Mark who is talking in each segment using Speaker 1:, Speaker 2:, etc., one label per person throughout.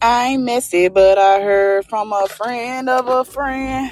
Speaker 1: I ain't messy, but I heard from a friend of a friend.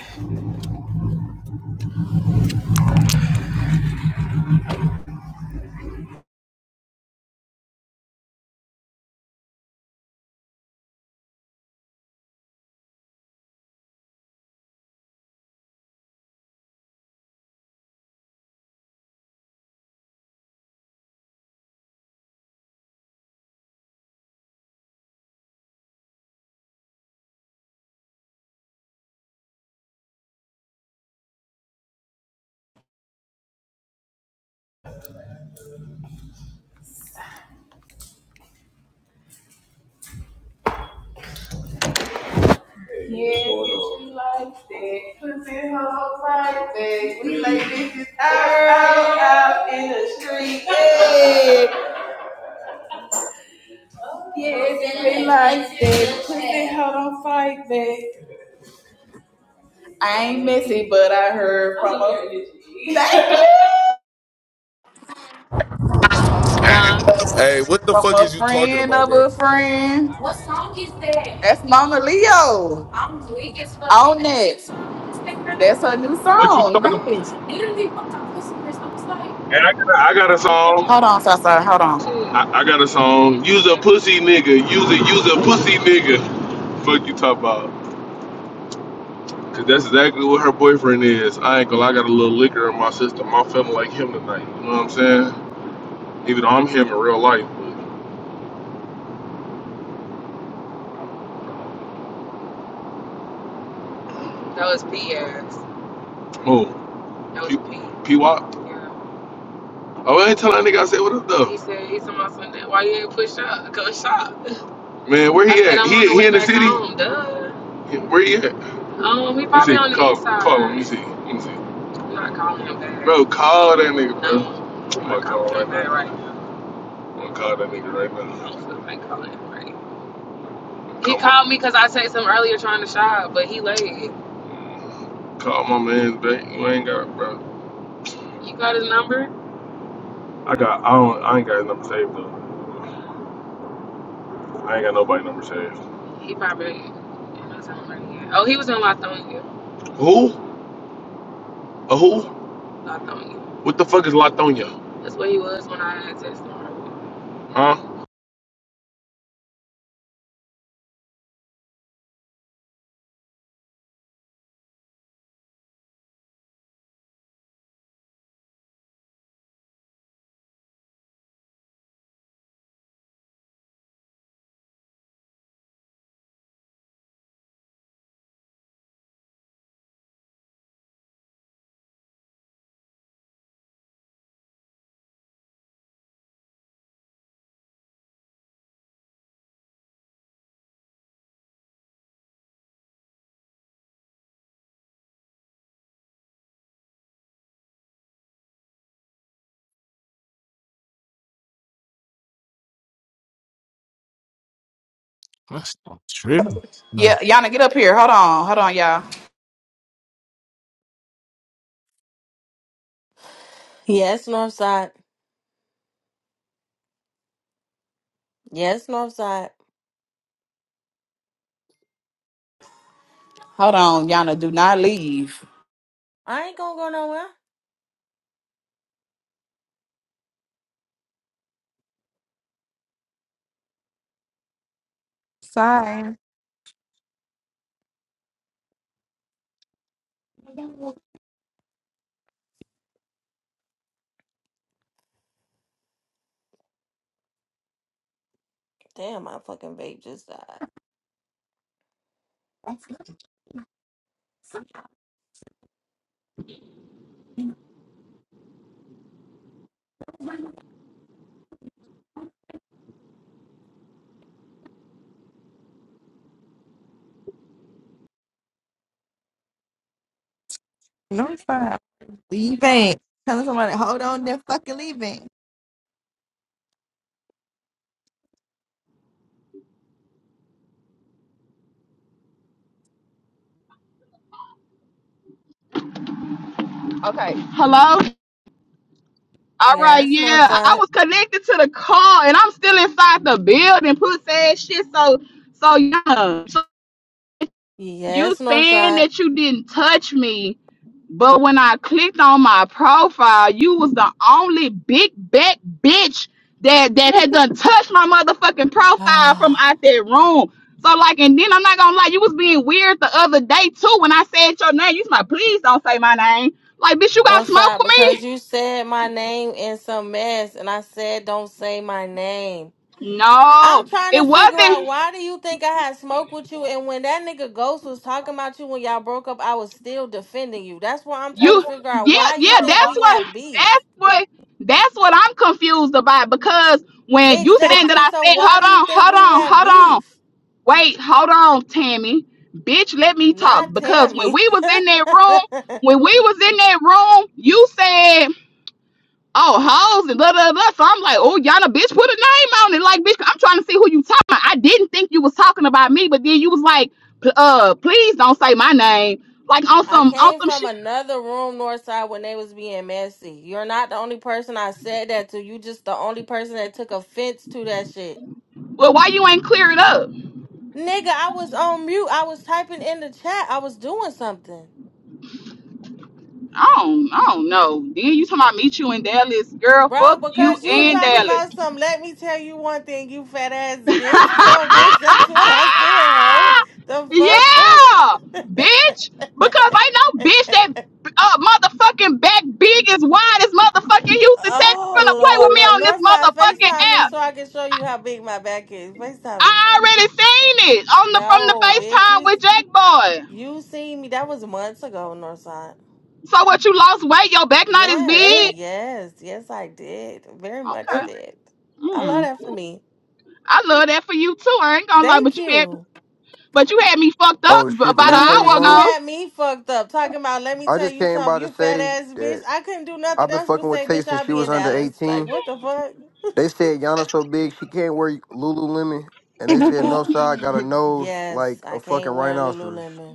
Speaker 1: Yeah, get you like that, pussy hoes like that. We like bitches out, out, out in the street. Yeah, yeah, if you like that, pussy hoe don't fight that. I ain't messy, but I heard from a
Speaker 2: Hey, what the
Speaker 1: from
Speaker 2: fuck
Speaker 1: a
Speaker 2: is you talking
Speaker 1: friend
Speaker 2: about,
Speaker 1: of
Speaker 2: bro?
Speaker 1: a friend. That's Mama Leo. I'm weak as fuck. On next. That's her new
Speaker 2: What you
Speaker 1: song.
Speaker 2: talking about?
Speaker 1: Yeah.
Speaker 2: And I got, a, I got a
Speaker 1: Hold
Speaker 2: song.
Speaker 1: on, Sasa. Hold on.
Speaker 2: I, I got a song. Use a pussy nigga. Use a use a pussy nigga. Fuck you talk about. Cause that's exactly what her boyfriend is. I ain't gonna lie, I got a little liquor in my system. I'm feeling like him tonight. You know what I'm saying? Even though I'm him in real life. But, who? P. P. Wop. Oh, I ain't tell that nigga I said what up though. He said he's on my Sunday. Why you ain't push up? Go shop. Man, where he at? i He he in went the city? Where he at? Let Um, Let me see. see. Call call him. Let me see. Let me see. I'm Bro, call that nigga, bro. I'm not gonna call right right now. now. I'm gonna call that nigga right now. He Come Call my man's back. You ain't got bro. I got I don't I ain't got his number saved though. I ain't got nobody number saved. Who? A who? What the fuck is Latonya? Huh?
Speaker 3: That's not true. No.
Speaker 1: Yeah, Yana, get up here. Hold on. Hold on, y'all.
Speaker 4: Yes, Northside. Yes, Northside.
Speaker 1: Hold on, Yana. Do not leave.
Speaker 4: I ain't gonna go nowhere.
Speaker 5: Sorry.
Speaker 4: Damn, my fucking vape just died.
Speaker 5: No, it's fine. Leaving. Telling somebody, hold on, they're fucking leaving.
Speaker 1: Okay. Hello? All right,
Speaker 4: Yes,
Speaker 1: yeah. I
Speaker 4: Northside.
Speaker 1: was connected to the call, and I'm still inside the building, pussy ass shit. So so yeah. You
Speaker 4: Yes,
Speaker 1: saying
Speaker 4: Northside.
Speaker 1: that you didn't touch me, but when I clicked on my profile, you was the only big back bitch that that had done touched my motherfucking profile from out that room. So like, and then I'm not gonna lie, you was being weird the other day too when I said your name. You was like, please don't say my name. Like, bitch, you got smoke
Speaker 4: Northside,
Speaker 1: with
Speaker 4: because
Speaker 1: me?
Speaker 4: you said my name in some mess, and I said don't say my name. I'm
Speaker 1: No,
Speaker 4: trying
Speaker 1: it
Speaker 4: to figure
Speaker 1: wasn't.
Speaker 4: out why do you think I had smoke with you, and when that nigga Ghost was talking about you when y'all broke up, I was still defending you. That's why I'm trying to
Speaker 1: You
Speaker 4: figure out
Speaker 1: yeah,
Speaker 4: why you
Speaker 1: yeah,
Speaker 4: think
Speaker 1: that's
Speaker 4: we
Speaker 1: what
Speaker 4: have beef.
Speaker 1: that's what that's what I'm confused about because when you
Speaker 6: Say
Speaker 1: saying that
Speaker 4: Exactly.
Speaker 1: I
Speaker 4: So
Speaker 1: said
Speaker 4: why
Speaker 1: hold
Speaker 4: do you
Speaker 1: on,
Speaker 4: think
Speaker 1: hold
Speaker 4: we
Speaker 1: on,
Speaker 4: have
Speaker 1: hold on,
Speaker 4: beef?
Speaker 1: wait, hold on, Tammy. Bitch, let me talk.
Speaker 4: Not
Speaker 1: Because when
Speaker 4: Tammy.
Speaker 1: we was in that room, when we was in that room, you said, oh, hoes and blah blah blah. So I'm like, oh, y'all a bitch, put a name on it. Like, bitch, I'm trying to see who you talking about. I didn't think you was talking about me, but then you was like, p- uh, please don't say my name. Like on
Speaker 4: I
Speaker 1: some on
Speaker 4: came
Speaker 1: some
Speaker 4: from
Speaker 1: shit
Speaker 4: another room, Northside, when they was being messy. You're not the only person I said that to. You just the only person that took offense to that shit.
Speaker 1: Well, why you ain't clear it up?
Speaker 4: Nigga, I was on mute. I was typing in the chat. I was doing something.
Speaker 1: I don't, I don't know. Then you talking about meet you in Dallas, girl?
Speaker 4: Bro,
Speaker 1: Fuck you
Speaker 4: because you
Speaker 1: and
Speaker 4: talking
Speaker 1: Dallas.
Speaker 4: about some, let me tell you one thing, you fat ass
Speaker 1: yeah,
Speaker 4: bitch. So, bitch, that's what I said, ho. The
Speaker 1: bitch. Because ain't no bitch
Speaker 4: fuck?
Speaker 1: that uh, motherfucking back big as wide as motherfucking Houston, Texas, finna
Speaker 4: Oh
Speaker 1: play with
Speaker 4: Lord,
Speaker 1: me
Speaker 4: North
Speaker 1: on this
Speaker 4: Northside,
Speaker 1: motherfucking
Speaker 4: FaceTime me
Speaker 1: app.
Speaker 4: so I can show you how big my back is. FaceTime me.
Speaker 1: I already seen it on the from the
Speaker 4: No, bitch, you
Speaker 1: FaceTime with
Speaker 4: s-
Speaker 1: Jack Boy.
Speaker 4: you seen me. That was months ago, Northside.
Speaker 1: So what? You lost weight? Your back not as
Speaker 4: Yes,
Speaker 1: big?
Speaker 4: yes, yes, I did. Very much
Speaker 1: Okay.
Speaker 4: did. I
Speaker 1: Hmm.
Speaker 4: love that for me.
Speaker 1: I love that for you too. I ain't gonna lie,
Speaker 4: Thank
Speaker 1: but you had
Speaker 4: you.
Speaker 1: but you had me fucked up
Speaker 7: Oh
Speaker 1: b-
Speaker 7: shit, the
Speaker 1: about an
Speaker 4: No,
Speaker 7: replay's
Speaker 1: hour
Speaker 4: bitch, you
Speaker 7: on.
Speaker 1: ago,
Speaker 4: had me fucked up talking about. Let me
Speaker 7: I
Speaker 4: tell
Speaker 7: just
Speaker 4: you
Speaker 7: came by
Speaker 4: something.
Speaker 7: to
Speaker 4: You fat
Speaker 7: say
Speaker 4: ass bitch.
Speaker 7: that
Speaker 4: I couldn't do nothing
Speaker 7: I've been
Speaker 4: else
Speaker 7: fucking
Speaker 4: but
Speaker 7: with
Speaker 4: say,
Speaker 7: Tay
Speaker 4: bitch,
Speaker 7: since
Speaker 4: I'll
Speaker 7: she
Speaker 4: be
Speaker 7: was
Speaker 4: in
Speaker 7: under
Speaker 4: Dallas. Like,
Speaker 7: 18.
Speaker 4: what the fuck?
Speaker 7: They said Yana so big she can't wear Lululemon, and they said
Speaker 5: and
Speaker 7: no side got a nose
Speaker 4: yes,
Speaker 7: like
Speaker 4: I
Speaker 7: a fucking
Speaker 4: can't wear
Speaker 7: rhinoceros.
Speaker 4: Lululemon.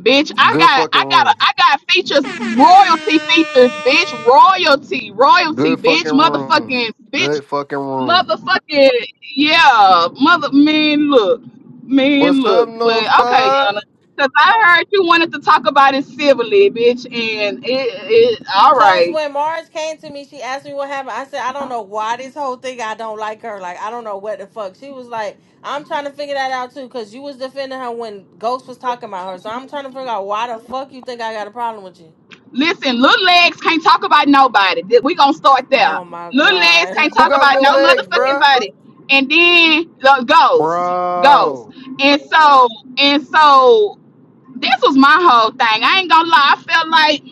Speaker 1: bitch. I
Speaker 7: Good
Speaker 1: got
Speaker 7: fucking
Speaker 1: I got a,
Speaker 7: room.
Speaker 1: I got features, royalty features, bitch, royalty, royalty,
Speaker 7: Good fucking
Speaker 1: bitch,
Speaker 7: room.
Speaker 1: motherfucking, bitch,
Speaker 7: Good fucking room.
Speaker 1: motherfucking, yeah, mother man, look, man,
Speaker 7: What's up,
Speaker 1: look. But okay,
Speaker 7: Northside?
Speaker 1: Yana, because I heard you wanted to talk about it civilly, bitch, and it, it all
Speaker 4: Cause
Speaker 1: right.
Speaker 4: when Mars came to me, she asked me what happened. I said, I don't know why this whole thing. I don't like her. Like I don't know what the fuck. She was like, I'm trying to figure that out too. Cause you was defending her when Ghost was talking about her. So I'm trying to figure out why the fuck you think I got a problem with you.
Speaker 1: Listen, little legs can't talk about nobody. Th- We gonna start there.
Speaker 4: Oh my
Speaker 1: Little legs
Speaker 4: god,
Speaker 1: can't
Speaker 7: Who
Speaker 1: talk
Speaker 7: got
Speaker 1: about
Speaker 7: little
Speaker 1: no
Speaker 7: legs,
Speaker 1: motherfucking
Speaker 7: bruh?
Speaker 1: body. And then the ghosts, ghosts.
Speaker 7: Bro.
Speaker 1: And so, and so, this was my whole thing. I ain't gonna lie. I felt like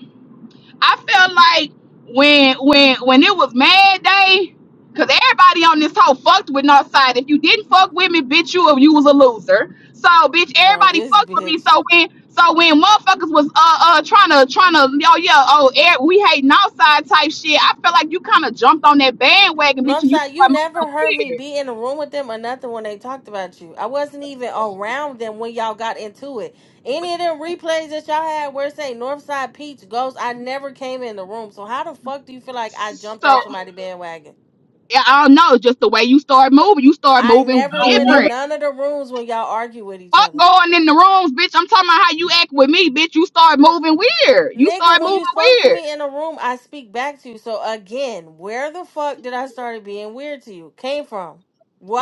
Speaker 1: I felt like when when when it was Mad Day, cause everybody on this whole fucked with Northside. If you didn't fuck with me, bitch, you you was a loser. So bitch,
Speaker 4: bro,
Speaker 1: everybody
Speaker 4: this
Speaker 1: fucked with me.
Speaker 4: bitch.
Speaker 1: So when so when motherfuckers was uh uh trying to trying to oh yeah oh air, we hate Northside type shit, I felt like you kind of jumped on that bandwagon,
Speaker 4: No,
Speaker 1: bitch, and you
Speaker 4: Northside, you
Speaker 1: started
Speaker 4: never
Speaker 1: moving
Speaker 4: heard me
Speaker 1: weird.
Speaker 4: be in the room with them or nothing when they talked about you. I wasn't even around them when y'all got into it. Any of them replays that y'all had where it say Northside Peach Ghost, I never came in the room. So how the fuck do you feel like I jumped on
Speaker 1: So
Speaker 4: somebody bandwagon?
Speaker 1: yeah, I don't know, just the way you start moving, you start
Speaker 4: I
Speaker 1: moving
Speaker 4: never went
Speaker 1: different.
Speaker 4: in none of the rooms when y'all argue with each
Speaker 1: Fuck
Speaker 4: other.
Speaker 1: going in the rooms, bitch. I'm talking about how you act with me, bitch. You start moving weird. You
Speaker 4: Nigga,
Speaker 1: start
Speaker 4: when
Speaker 1: moving
Speaker 4: you spoke to
Speaker 1: weird,
Speaker 4: me in a room, I speak back to you. So again, where the fuck did I start being weird to you? Came from?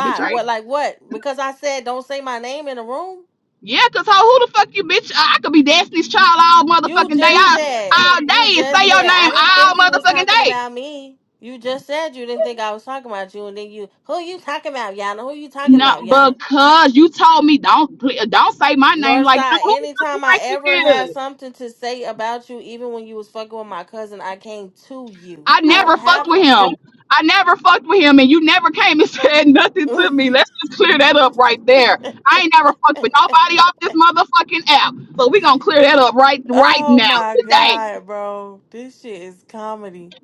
Speaker 1: bitch. I
Speaker 4: What
Speaker 1: ain't-
Speaker 4: like what? Because I said don't say my name in a room?
Speaker 1: yeah, cause ho, who the fuck you, bitch? I, I could be Destiny's Child all
Speaker 4: You
Speaker 1: motherfucking day,
Speaker 4: just
Speaker 1: all,
Speaker 4: said,
Speaker 1: all
Speaker 4: you
Speaker 1: day, and
Speaker 4: just
Speaker 1: say your
Speaker 4: said, I
Speaker 1: name
Speaker 4: didn't
Speaker 1: all
Speaker 4: think you was
Speaker 1: motherfucking
Speaker 4: talking
Speaker 1: day.
Speaker 4: about me. You just said you didn't think I was talking about you, and then you, who you talking about, Yana? Who you talking
Speaker 1: No,
Speaker 4: about, Yana?
Speaker 1: because you told me don't pl- don't say my name like that.
Speaker 4: Northside,
Speaker 1: Who the
Speaker 4: anytime I
Speaker 1: fuck you
Speaker 4: ever
Speaker 1: think you
Speaker 4: had
Speaker 1: is?
Speaker 4: something to say about you, even when you was fucking with my cousin, I came to you.
Speaker 1: I
Speaker 4: I don't
Speaker 1: never fucked
Speaker 4: have
Speaker 1: with him.
Speaker 4: to.
Speaker 1: I never fucked with him, and you never came and said nothing to me. Let's just clear that up right there. I ain't never fucked with nobody off this motherfucking app, so we gonna clear that up right right
Speaker 4: oh
Speaker 1: now
Speaker 4: my
Speaker 1: today.
Speaker 4: God, bro. This shit is comedy.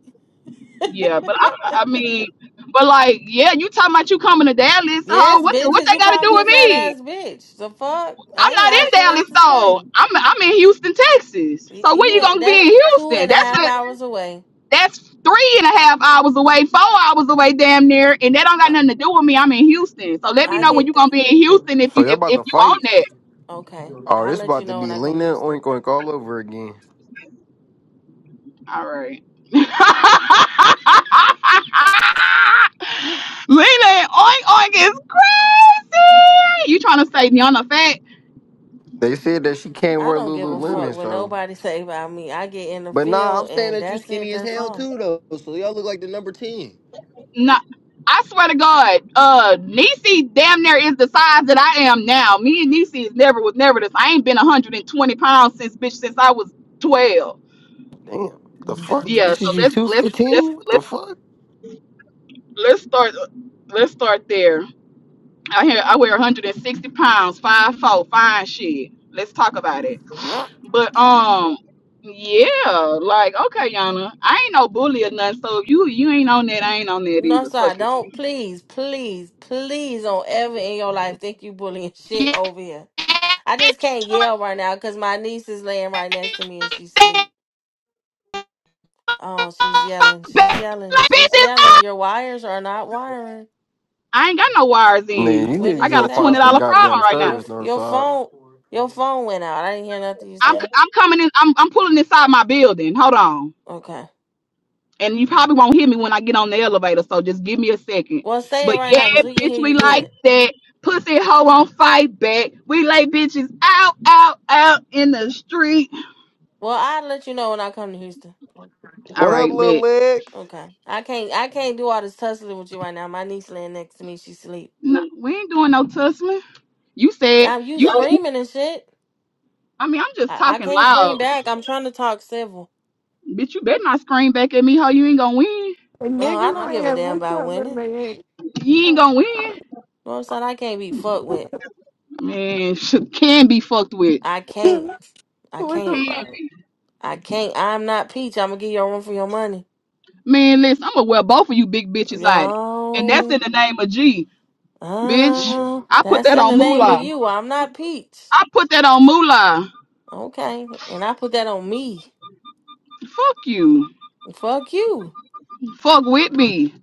Speaker 1: Yeah, but I, I mean, but like, yeah, you talking about you coming to Dallas? so Ho,
Speaker 4: Yes,
Speaker 1: what
Speaker 4: bitch,
Speaker 1: what
Speaker 4: because
Speaker 1: they
Speaker 4: you
Speaker 1: got to
Speaker 4: called
Speaker 1: do
Speaker 4: me a
Speaker 1: with
Speaker 4: fat
Speaker 1: me?
Speaker 4: ass bitch. The fuck?
Speaker 1: I'm
Speaker 4: I ain't
Speaker 1: not
Speaker 4: had
Speaker 1: in
Speaker 4: shit else
Speaker 1: Dallas
Speaker 4: to say.
Speaker 1: though. I'm I'm in Houston, Texas.
Speaker 4: Y-
Speaker 1: So when
Speaker 4: You
Speaker 1: you
Speaker 4: ain't.
Speaker 1: gonna be
Speaker 4: That's
Speaker 1: in
Speaker 4: two
Speaker 1: Houston?
Speaker 4: and a
Speaker 1: That's
Speaker 4: half
Speaker 1: what.
Speaker 4: hours away.
Speaker 1: That's three and a half hours away, four hours away, damn near, and that don't got
Speaker 4: Uh,
Speaker 1: nothing to do with me. I'm in Houston, so let me
Speaker 4: I
Speaker 1: know when
Speaker 4: get.
Speaker 1: you're
Speaker 4: th-
Speaker 1: gonna be in Houston if
Speaker 7: So
Speaker 1: you
Speaker 7: y'all
Speaker 1: if,
Speaker 7: about
Speaker 1: if
Speaker 7: to
Speaker 1: you on
Speaker 7: fight?
Speaker 1: that.
Speaker 4: okay.
Speaker 7: Oh,
Speaker 4: I'll
Speaker 7: this
Speaker 4: let you
Speaker 7: about to
Speaker 4: know when
Speaker 7: be
Speaker 4: I come to
Speaker 7: Lena Oink
Speaker 4: Houston.
Speaker 7: Oink all over again.
Speaker 1: All right. Lena, oink oink is crazy. You trying to say Niana fat?
Speaker 7: They said that she can't
Speaker 4: I
Speaker 7: wear
Speaker 4: don't give a fuck
Speaker 7: Lululemon,
Speaker 4: what
Speaker 7: so.
Speaker 4: nobody say about me. I get in the
Speaker 7: But nah, I'm
Speaker 4: field
Speaker 7: saying
Speaker 4: and
Speaker 7: that you
Speaker 4: that's it.
Speaker 7: skinny as
Speaker 4: That's
Speaker 7: hell
Speaker 4: all.
Speaker 7: too, though. So y'all look like the number ten.
Speaker 1: No, I swear to God, uh, Niecy damn near is the size that I am now. Me and Niecy is never was never this. I ain't been 120 pounds since bitch since I was 12
Speaker 7: Damn, the fuck?
Speaker 1: yeah
Speaker 7: This is
Speaker 1: so
Speaker 7: you
Speaker 1: let's
Speaker 7: two
Speaker 1: let's let's
Speaker 7: fifteen? What the
Speaker 1: let's
Speaker 7: fuck?
Speaker 1: let's start let's start there i hear i weigh 160 pounds five foot fine shit let's talk about it but um yeah like okay yana i ain't no bully or nothing so if you you ain't on that i ain't on that
Speaker 4: No,
Speaker 1: either
Speaker 4: sorry.
Speaker 1: fuck it
Speaker 4: Don't please, please, please don't ever in your life think you bullying shit over here. I just can't yell right now because my niece is laying right next to me and she's asleep. Oh, she's yelling. She's
Speaker 1: Bitch,
Speaker 4: yelling.
Speaker 1: like, bitch,
Speaker 4: She's
Speaker 1: it's
Speaker 4: yelling.
Speaker 1: up.
Speaker 4: Your wires are not wiring.
Speaker 1: i ain't got no wires in
Speaker 7: Nigga, you
Speaker 4: What did
Speaker 7: need to
Speaker 1: i
Speaker 4: you
Speaker 1: got
Speaker 7: go
Speaker 1: a
Speaker 4: say?
Speaker 1: $20
Speaker 7: find some
Speaker 1: problem
Speaker 7: goddamn
Speaker 1: right now
Speaker 4: Your
Speaker 7: service,
Speaker 4: your
Speaker 7: Northside.
Speaker 4: phone your phone went out. I didn't hear nothing you
Speaker 1: i'm
Speaker 4: said.
Speaker 1: i'm coming in i'm, I'm pulling inside my building hold on
Speaker 4: Okay.
Speaker 1: and you probably won't hear me when I get on the elevator, so just give me a second.
Speaker 4: Well, say it
Speaker 1: But
Speaker 4: right
Speaker 1: yeah,
Speaker 4: now because we can
Speaker 1: bitch,
Speaker 4: hear
Speaker 1: we
Speaker 4: you
Speaker 1: like
Speaker 4: good.
Speaker 1: that. Pussy hoe on fight back. We lay bitches out, out, out in the street.
Speaker 4: Well, I'll let you know when I come to Houston.
Speaker 1: All
Speaker 7: What up,
Speaker 1: right,
Speaker 7: little
Speaker 1: bet.
Speaker 7: legs?
Speaker 4: Okay. I can't I can't do all this tussling with you right now. My niece laying next to me. She sleep.
Speaker 1: No, we ain't doing no tussling. You said
Speaker 4: Yeah, you
Speaker 1: you.
Speaker 4: screaming and shit.
Speaker 1: I mean, I'm just
Speaker 4: I, I
Speaker 1: talking
Speaker 4: can't
Speaker 1: loud,
Speaker 4: scream back. I'm trying to talk civil.
Speaker 1: bitch. You better not scream back at me, hoe. You ain't gonna win.
Speaker 4: Oh, I don't
Speaker 5: nigga
Speaker 4: give a
Speaker 5: said,
Speaker 4: damn
Speaker 5: what's
Speaker 4: about
Speaker 5: up, little
Speaker 4: winning.
Speaker 5: lady?
Speaker 1: You ain't gonna win.
Speaker 4: You know what I'm saying? I can't be fucked with.
Speaker 1: Man, sh- can be fucked with.
Speaker 4: I can't. I
Speaker 5: what the
Speaker 1: Can
Speaker 4: can't.
Speaker 5: fuck?
Speaker 1: be.
Speaker 4: I can't. I'm not Peach. I'm gonna give you a run for your money.
Speaker 1: Man, listen, I'm gonna wear both of you big bitches out. And that's
Speaker 4: Yo.
Speaker 1: in the name of G. Bitch,
Speaker 4: Uh,
Speaker 1: I put
Speaker 4: that's
Speaker 1: that
Speaker 4: in
Speaker 1: on
Speaker 4: the name of
Speaker 1: Moolah.
Speaker 4: you. I'm not Peach.
Speaker 1: I put that on Moolah.
Speaker 4: Okay. And I put that on me.
Speaker 1: Fuck you.
Speaker 4: Fuck you.
Speaker 1: Fuck with me.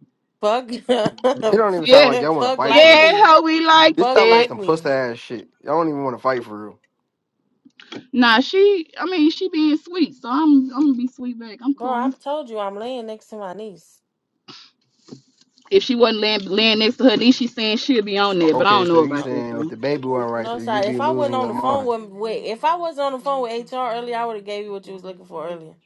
Speaker 4: Fuck.
Speaker 7: It don't even sound
Speaker 1: Yeah.
Speaker 7: like y'all want to
Speaker 4: Fuck
Speaker 7: fight
Speaker 4: like
Speaker 7: for real.
Speaker 1: Yeah,
Speaker 4: me.
Speaker 1: how we like
Speaker 7: This
Speaker 4: Fuck
Speaker 7: sound like
Speaker 1: that.
Speaker 4: like
Speaker 7: some puss
Speaker 4: me.
Speaker 7: ass shit. Y'all don't even want to fight for real.
Speaker 1: Nah, she I mean she being sweet, so I'm I'm gonna be sweet back. I'm
Speaker 4: Bro, I
Speaker 1: cool.
Speaker 4: told you I'm laying next to my niece.
Speaker 1: If she wasn't laying, laying next to her knee, she's saying she'll be on there, but I
Speaker 7: Okay,
Speaker 1: don't
Speaker 7: so
Speaker 1: know
Speaker 7: you
Speaker 4: Uh,
Speaker 1: about that
Speaker 7: saying if
Speaker 1: though.
Speaker 7: the baby wasn't right
Speaker 4: No,
Speaker 7: there, you'd
Speaker 4: sorry. If
Speaker 7: be
Speaker 4: I wasn't
Speaker 7: losing
Speaker 4: on
Speaker 7: your
Speaker 4: the phone
Speaker 7: mind
Speaker 4: with, wait, if I was on the phone with HR earlier, I would have gave you what you was looking for earlier.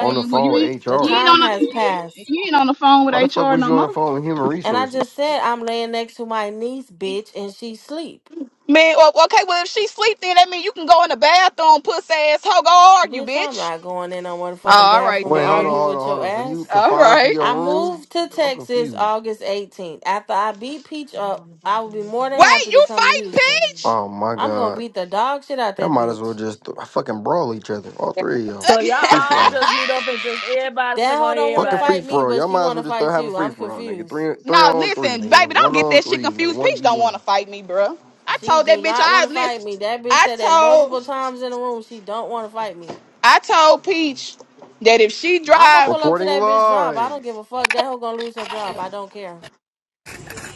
Speaker 7: on the
Speaker 1: well you
Speaker 7: phone
Speaker 1: ain't
Speaker 7: with
Speaker 4: the
Speaker 1: you
Speaker 7: HR.
Speaker 1: ain't on
Speaker 4: time has
Speaker 1: the,
Speaker 4: passed,
Speaker 1: you ain't on the phone with
Speaker 7: Why the fuck
Speaker 1: HR
Speaker 7: was
Speaker 1: no
Speaker 7: you on
Speaker 1: more.
Speaker 7: the phone with human
Speaker 4: and I just
Speaker 7: resources?
Speaker 4: said I'm laying next to my niece, bitch, and she sleep.
Speaker 1: Man, o- okay, well, if she sleep, then that mean you can go in the bathroom, puss ass hoe, go argue,
Speaker 4: Bitch, I'm
Speaker 1: bitch.
Speaker 4: not going in no motherfucking
Speaker 1: All right,
Speaker 4: bathroom to
Speaker 7: Wait, hold on,
Speaker 1: then.
Speaker 4: argue
Speaker 7: hold on,
Speaker 4: with
Speaker 7: hold
Speaker 4: your
Speaker 7: on. So you
Speaker 4: ass.
Speaker 1: All
Speaker 7: confined to
Speaker 1: right.
Speaker 7: your
Speaker 4: I
Speaker 7: room?
Speaker 4: moved to
Speaker 7: I'm
Speaker 4: Texas
Speaker 7: confused.
Speaker 4: August 18th. After I beat Peach up, I will be more than
Speaker 1: Wait,
Speaker 4: happy to
Speaker 1: you
Speaker 4: come to
Speaker 1: fighting
Speaker 4: Houston.
Speaker 1: Peach?
Speaker 7: Oh my
Speaker 4: I'm gonna
Speaker 7: god.
Speaker 4: beat the dog shit out
Speaker 7: Y'all
Speaker 4: that
Speaker 7: might as well
Speaker 4: bitch.
Speaker 7: just th- fucking brawl each other. All
Speaker 8: Yeah.
Speaker 7: three of y'all.
Speaker 8: So y'all
Speaker 7: Free for
Speaker 8: all
Speaker 1: Okay.
Speaker 7: all.
Speaker 8: just meet up and just everybody
Speaker 4: That
Speaker 8: smack on
Speaker 4: hoe don't want to
Speaker 7: Fucking
Speaker 8: everybody.
Speaker 7: free
Speaker 4: fight me,
Speaker 7: for all.
Speaker 4: but
Speaker 7: Y'all
Speaker 4: she
Speaker 7: might as
Speaker 4: want
Speaker 7: well
Speaker 4: to
Speaker 7: just start
Speaker 4: fight
Speaker 7: having
Speaker 4: you.
Speaker 7: free
Speaker 4: I'm
Speaker 7: for all, nigga.
Speaker 4: confused.
Speaker 7: Three
Speaker 1: no,
Speaker 7: three on three,
Speaker 1: listen,
Speaker 7: nigga.
Speaker 1: baby, don't
Speaker 7: One
Speaker 1: get
Speaker 7: on
Speaker 1: that shit
Speaker 7: three, nigga.
Speaker 1: confused.
Speaker 7: One
Speaker 1: Peach
Speaker 7: v
Speaker 1: don't want to
Speaker 7: one.
Speaker 1: fight me, bruh. I
Speaker 4: She
Speaker 1: told that
Speaker 4: do
Speaker 1: bitch.
Speaker 4: not want
Speaker 1: I
Speaker 4: to fight me.
Speaker 1: listen.
Speaker 4: That bitch
Speaker 1: I
Speaker 4: said that multiple
Speaker 1: told.
Speaker 4: times in the room. She don't want to fight me.
Speaker 1: I told Peach that if she
Speaker 4: I'm gonna
Speaker 1: drive,
Speaker 4: pull up to
Speaker 7: Reporting
Speaker 4: that bitch job. I
Speaker 7: live.
Speaker 4: don't give a fuck. That hoe gonna lose her job. I don't care.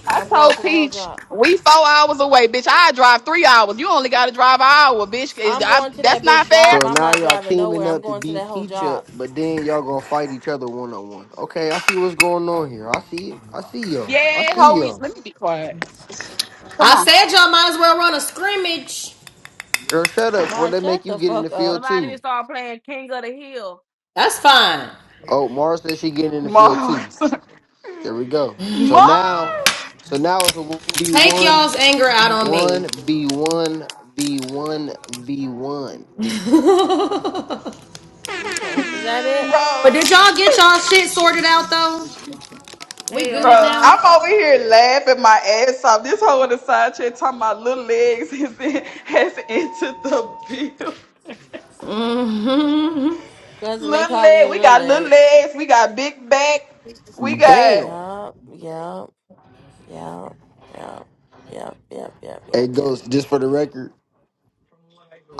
Speaker 1: I
Speaker 4: I'm going
Speaker 1: told
Speaker 4: to the whole
Speaker 1: Peach
Speaker 4: job.
Speaker 1: we four hours away, bitch. I drive three hours. You only got to drive an hour, bitch. Is-
Speaker 4: I'm
Speaker 1: I-
Speaker 4: going to
Speaker 1: that's
Speaker 4: that
Speaker 1: not
Speaker 4: bitch job.
Speaker 1: fair.
Speaker 7: So
Speaker 4: I'm
Speaker 7: now
Speaker 4: not
Speaker 7: y'all
Speaker 4: driving nowhere.
Speaker 7: teaming
Speaker 4: I'm
Speaker 7: up to
Speaker 4: going to that
Speaker 7: beat
Speaker 4: whole
Speaker 7: Peach up,
Speaker 4: job.
Speaker 7: but then y'all gonna fight each other one on one. Okay, I see what's going on here. I see it. I see y'all. I
Speaker 1: Yeah,
Speaker 4: We
Speaker 7: see
Speaker 1: hoe.
Speaker 4: don't.
Speaker 1: we-
Speaker 7: y'all.
Speaker 1: Let me be quiet. Come
Speaker 9: I
Speaker 1: on,
Speaker 9: said y'all might as well run a scrimmage.
Speaker 7: Girl, shut up before
Speaker 4: Mar,
Speaker 7: they make
Speaker 4: shut
Speaker 7: you
Speaker 4: the
Speaker 7: get in the
Speaker 4: fuck
Speaker 7: field
Speaker 4: up.
Speaker 8: Somebody need
Speaker 7: too.
Speaker 8: to start playing King of the Hill.
Speaker 9: That's fine.
Speaker 7: Oh, Mars said she getting in the field too.
Speaker 1: Mars.
Speaker 7: There we go. So now,
Speaker 1: Mars,
Speaker 7: so now it's a v
Speaker 9: Take
Speaker 7: one,
Speaker 9: y'all's anger out on me.
Speaker 7: one v one v one v one.
Speaker 4: Okay, is that it?
Speaker 1: bro.
Speaker 9: But did y'all get y'all shit sorted out though? We
Speaker 8: Hell
Speaker 9: good
Speaker 1: Bro,
Speaker 8: no.
Speaker 1: I'm
Speaker 9: now?
Speaker 1: over here laughing my ass off. This hoe on the side chair talking about little legs is in, has entered the bill.
Speaker 9: Mm-hmm.
Speaker 4: Cousin, they
Speaker 1: Little
Speaker 4: calling
Speaker 1: leg,
Speaker 4: you
Speaker 1: we
Speaker 4: little
Speaker 1: got little
Speaker 4: legs.
Speaker 1: legs, we got big back, we got
Speaker 7: Damn.
Speaker 4: Yup, yup, yup, yup, yup, yup, yup, yup,
Speaker 7: It
Speaker 4: yup.
Speaker 7: goes just for the record.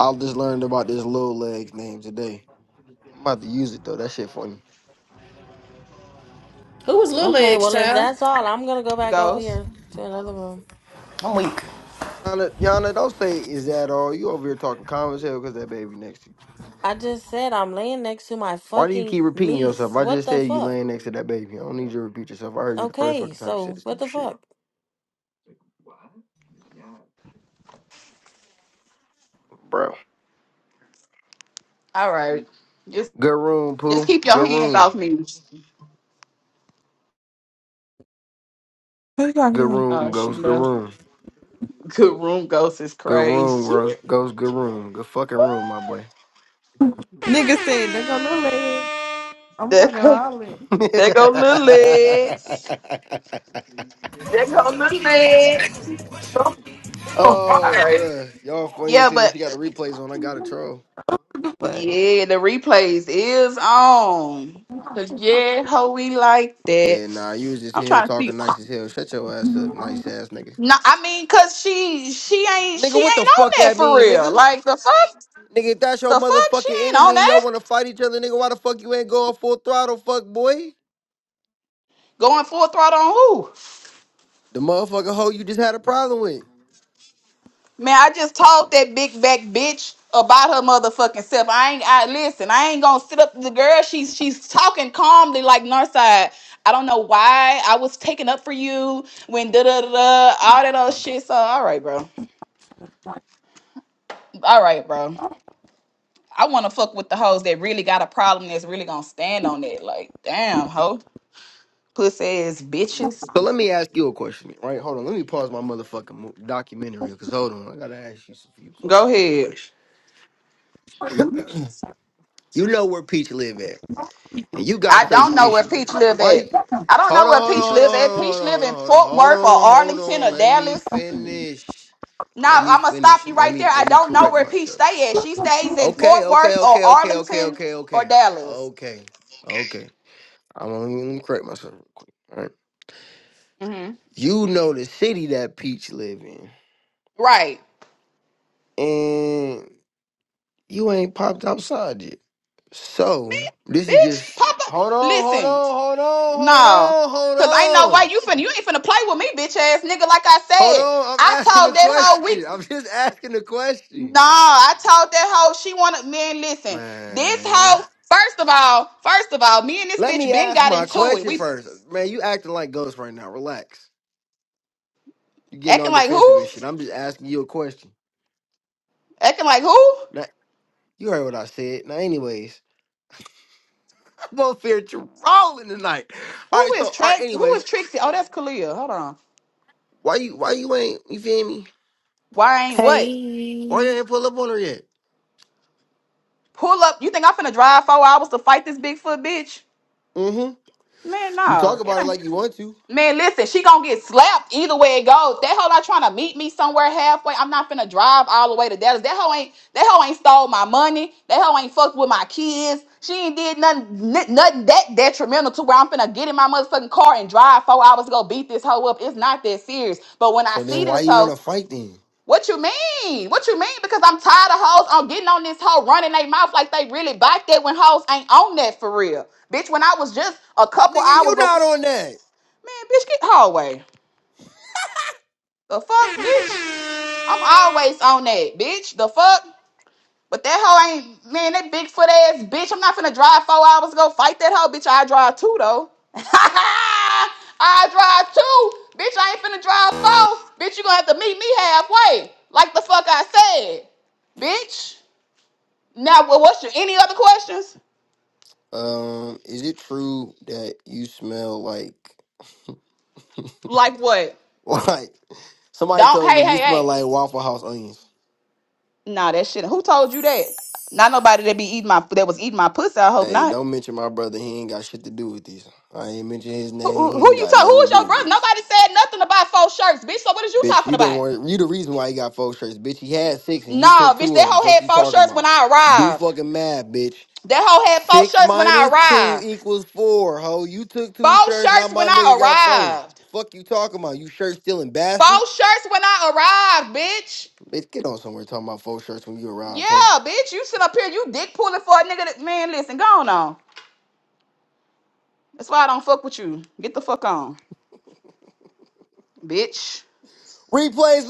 Speaker 7: I just learned about this little legs name today. I'm about to use it though. That shit funny.
Speaker 9: Who was Lil
Speaker 4: Okay,
Speaker 9: Legs,
Speaker 4: well, if
Speaker 9: child?
Speaker 4: that's all, I'm gonna go back over
Speaker 1: ghosts.
Speaker 4: here to another room.
Speaker 9: We
Speaker 7: Yana, Yana, don't say is that all. You over here talking common hell because that baby next to you.
Speaker 4: I just said I'm laying next to my
Speaker 7: Why do you
Speaker 4: fucking
Speaker 7: keep repeating
Speaker 4: niece.
Speaker 7: yourself? I
Speaker 4: What
Speaker 7: just
Speaker 4: the
Speaker 7: said you
Speaker 4: fuck?
Speaker 7: laying next to that baby. I don't need you to repeat yourself. I heard you the first
Speaker 4: Okay,
Speaker 7: fucking time you said
Speaker 4: so
Speaker 7: this
Speaker 4: what
Speaker 7: stupid
Speaker 4: the
Speaker 7: shit,
Speaker 4: fuck?
Speaker 7: bro.
Speaker 1: All right, just
Speaker 7: Good room,
Speaker 1: just
Speaker 7: poo.
Speaker 1: keep
Speaker 7: Good
Speaker 1: your hands
Speaker 7: room.
Speaker 1: off me.
Speaker 5: Who's
Speaker 7: Good
Speaker 5: talking?
Speaker 7: room,
Speaker 1: Uh, she
Speaker 7: ghost. Good
Speaker 1: left.
Speaker 7: room.
Speaker 1: Good room ghost is
Speaker 7: Good room,
Speaker 1: crazy.
Speaker 7: bro. Goes good room. Good fucking room, my boy.
Speaker 5: Nigga said, they're going to little lady. I'm
Speaker 1: There
Speaker 5: fucking
Speaker 1: go,
Speaker 5: violent.
Speaker 1: there go little legs. There go little legs. All
Speaker 7: oh,
Speaker 1: right.
Speaker 7: bruh. Y'all funny as
Speaker 1: Yeah,
Speaker 7: hell. She got the
Speaker 1: but
Speaker 7: replays on. I got a troll.
Speaker 5: What
Speaker 1: Yeah, the replays is on. Cause yeah, ho, we like that.
Speaker 7: Yeah, nah, you was just
Speaker 1: I'm
Speaker 7: in here
Speaker 1: trying to see.
Speaker 7: talking nice as hell. Shut your ass up, nice
Speaker 5: the
Speaker 7: ass nigga.
Speaker 1: No, I mean, cause she she ain't she
Speaker 7: Nigga, what the
Speaker 1: ain't on
Speaker 7: fuck
Speaker 1: that
Speaker 7: that
Speaker 1: for
Speaker 7: mean,
Speaker 1: real.
Speaker 7: nigga?
Speaker 1: Like the fuck,
Speaker 7: Nigga, if that's your
Speaker 1: the fuck, she
Speaker 7: motherfucking
Speaker 1: ain't on
Speaker 7: enemy and
Speaker 1: that.
Speaker 7: y'all wanna fight each other, nigga, why the fuck you ain't going full throttle, fuck boy?
Speaker 1: Going full throttle on who?
Speaker 7: The motherfucking hoe you just had a problem with.
Speaker 1: Man, I just told that big back bitch about her motherfucking self. I ain't I listen, I ain't gonna sit up to the girl. She's she's talking calmly like Northside. I don't know why I was taken up for you when da da da da all that old shit. So all right, bro. All right, bro. I want to fuck with the hoes that really got a problem that's really gonna stand on it. Like, damn, hoe, pussy ass bitches.
Speaker 7: So let me ask you a question, right? Hold on, let me pause my motherfucking mo- documentary because hold on, I gotta ask you some few
Speaker 1: Go
Speaker 7: questions. Right?
Speaker 1: ahead.
Speaker 5: fuck?
Speaker 7: You know where Peach live at, and you got
Speaker 1: I
Speaker 7: such
Speaker 1: don't
Speaker 7: an
Speaker 1: know where
Speaker 7: issue with
Speaker 1: Peach
Speaker 7: her.
Speaker 1: live
Speaker 7: Why?
Speaker 1: at.
Speaker 7: you-
Speaker 1: I don't
Speaker 7: Hold
Speaker 1: know
Speaker 7: on,
Speaker 1: where
Speaker 7: hold
Speaker 1: Peach
Speaker 7: on, hold
Speaker 1: live at.
Speaker 7: on, hold
Speaker 1: Peach
Speaker 7: on,
Speaker 1: live in
Speaker 7: hold on,
Speaker 1: Fort
Speaker 7: hold on, hold
Speaker 1: Worth or
Speaker 7: on, hold
Speaker 1: Arlington
Speaker 7: on.
Speaker 1: or
Speaker 7: Let me
Speaker 1: Dallas.
Speaker 7: finish. Let
Speaker 1: Now
Speaker 7: me
Speaker 1: I'm gonna
Speaker 7: finish.
Speaker 1: stop you
Speaker 7: Let
Speaker 1: right
Speaker 7: me
Speaker 1: there. I
Speaker 7: let me
Speaker 1: don't know
Speaker 7: correct
Speaker 1: where Peach
Speaker 7: myself.
Speaker 1: stay at. She stays in
Speaker 7: Okay,
Speaker 1: Fort
Speaker 7: okay,
Speaker 1: Worth or
Speaker 7: okay, okay, okay,
Speaker 1: Arlington
Speaker 7: okay,
Speaker 1: or
Speaker 7: okay,
Speaker 1: Dallas.
Speaker 7: okay, okay. I'm gonna let me correct myself real quick. All right.
Speaker 1: hmm
Speaker 7: You know the city that Peach live in.
Speaker 1: Right.
Speaker 7: and You ain't popped outside yet.
Speaker 1: Me,
Speaker 7: So this is
Speaker 1: bitch,
Speaker 7: just
Speaker 1: Papa.
Speaker 7: hold on, hold
Speaker 1: Listen.
Speaker 7: on, hold on, hold
Speaker 1: No,
Speaker 7: on,
Speaker 1: cause I
Speaker 7: hold
Speaker 1: know why
Speaker 7: on.
Speaker 1: you finna. You ain't finna play with me, bitch ass nigga. Like I
Speaker 7: Hold
Speaker 1: said,
Speaker 7: on, I'm
Speaker 1: I
Speaker 7: asking the
Speaker 1: told that hoe we.
Speaker 7: question. I'm just asking the
Speaker 1: No,
Speaker 7: question.
Speaker 1: I told that hoe she wanted man. Listen, this
Speaker 7: Man.
Speaker 1: hoe. First of all, first of all, me and this
Speaker 7: Let
Speaker 1: bitch
Speaker 7: me
Speaker 1: been
Speaker 7: ask
Speaker 1: got
Speaker 7: my
Speaker 1: into it.
Speaker 7: question
Speaker 1: We
Speaker 7: first. Man, you acting like ghost right now. Relax. You getting all
Speaker 1: acting like
Speaker 7: defensive and
Speaker 1: who?
Speaker 7: shit. I'm just asking you a question.
Speaker 1: Acting like who?
Speaker 7: Now, you heard what I said. Now, anyways, I'm both here trolling tonight. All
Speaker 1: Who
Speaker 7: right, so
Speaker 1: is
Speaker 7: all right,
Speaker 1: Trax? Who
Speaker 7: anyways,
Speaker 1: is Trixie? Oh, that's Kalia. Hold on.
Speaker 7: why you why you ain't you feel me?
Speaker 1: Why ain't what?
Speaker 7: Why
Speaker 10: Hey,
Speaker 7: you ain't pull up on her yet?
Speaker 1: Pull up. You think I'm finna drive four hours to fight this Bigfoot bitch?
Speaker 7: Mm-hmm.
Speaker 1: Man,
Speaker 7: You talk
Speaker 1: no. It
Speaker 7: about it
Speaker 1: ain't.
Speaker 7: like you want to.
Speaker 1: Man, listen, she gonna get slapped either way it goes. That hoe not trying to meet me somewhere halfway. I'm not finna drive all the way to Dallas. That hoe ain't that hoe ain't stole my money. That hoe ain't fucked with my kids. She ain't did nothing n- nothing that detrimental to where I'm finna get in my motherfucking car and drive four hours to go beat this hoe up. It's not that serious. But when I
Speaker 7: So then
Speaker 1: see
Speaker 7: why
Speaker 1: this
Speaker 7: you want
Speaker 1: hoe,
Speaker 7: to fight then?
Speaker 1: what you mean? What you mean? Because I'm tired of hoes on getting on this hoe running their mouth like they really bought that when hoes ain't on that for real. Bitch, when I was just a couple
Speaker 7: Nigga,
Speaker 1: hours
Speaker 7: you
Speaker 1: ago,
Speaker 7: not on
Speaker 1: man,
Speaker 7: that.
Speaker 1: bitch, get hallway. The fuck, bitch? I'm always on that, bitch. The fuck? But that hoe ain't man, that Bigfoot ass bitch. I'm not finna drive four hours to go fight that hoe, bitch. I drive two though. I drive two. Bitch, I ain't finna drive four. Bitch, you gonna have to meet me halfway. Like the fuck I said. Bitch. Now wha- what's your any other questions?
Speaker 7: Um, is it true that you smell like
Speaker 1: Like what?
Speaker 7: what? Somebody
Speaker 1: Don't
Speaker 7: told
Speaker 1: hey,
Speaker 7: me you
Speaker 1: hey,
Speaker 7: smell
Speaker 1: hey.
Speaker 7: like Waffle House onions.
Speaker 1: Nah, that shit. Who told you that? Not nobody that be eating my that was eating my pussy, I hope
Speaker 7: Hey,
Speaker 1: not.
Speaker 7: don't mention my brother. He ain't got shit to do with these. I ain't mention his
Speaker 1: Who, who
Speaker 7: name. He
Speaker 1: who
Speaker 7: ain't
Speaker 1: you
Speaker 7: got
Speaker 1: talk? Who
Speaker 7: nothing
Speaker 1: is
Speaker 7: to do
Speaker 1: your
Speaker 7: with
Speaker 1: brother?
Speaker 7: these.
Speaker 1: Nobody said nothing about four shirts, bitch. So what is you
Speaker 7: Bitch,
Speaker 1: talking
Speaker 7: you don't
Speaker 1: about?
Speaker 7: want you the reason why he got four shirts. Bitch, he had six and you
Speaker 1: Nah,
Speaker 7: took
Speaker 1: bitch.
Speaker 7: two
Speaker 1: That
Speaker 7: of them.
Speaker 1: hoe
Speaker 7: Fuck
Speaker 1: had
Speaker 7: you
Speaker 1: four
Speaker 7: talking
Speaker 1: shirts when
Speaker 7: about?
Speaker 1: I
Speaker 7: Do
Speaker 1: arrived.
Speaker 7: fucking math, bitch.
Speaker 1: That hoe had four
Speaker 7: Six
Speaker 1: shirts when I
Speaker 7: minus two
Speaker 1: arrived.
Speaker 7: equals four, ho. You took two
Speaker 1: Four
Speaker 7: shirts, now
Speaker 1: shirts when
Speaker 7: my nigga
Speaker 1: I
Speaker 7: got four.
Speaker 1: arrived.
Speaker 7: Fuck you talking about, you shirt stealing bastard?
Speaker 1: Four shirts when I arrived, bitch.
Speaker 7: Bitch, get on somewhere talking about four shirts when you arrived, ho.
Speaker 1: Yeah, bitch. You sitting up here, you dick pulling for a nigga. That, man, listen, go on. on. That's why I don't fuck with you. Get the fuck on, bitch.
Speaker 7: Replays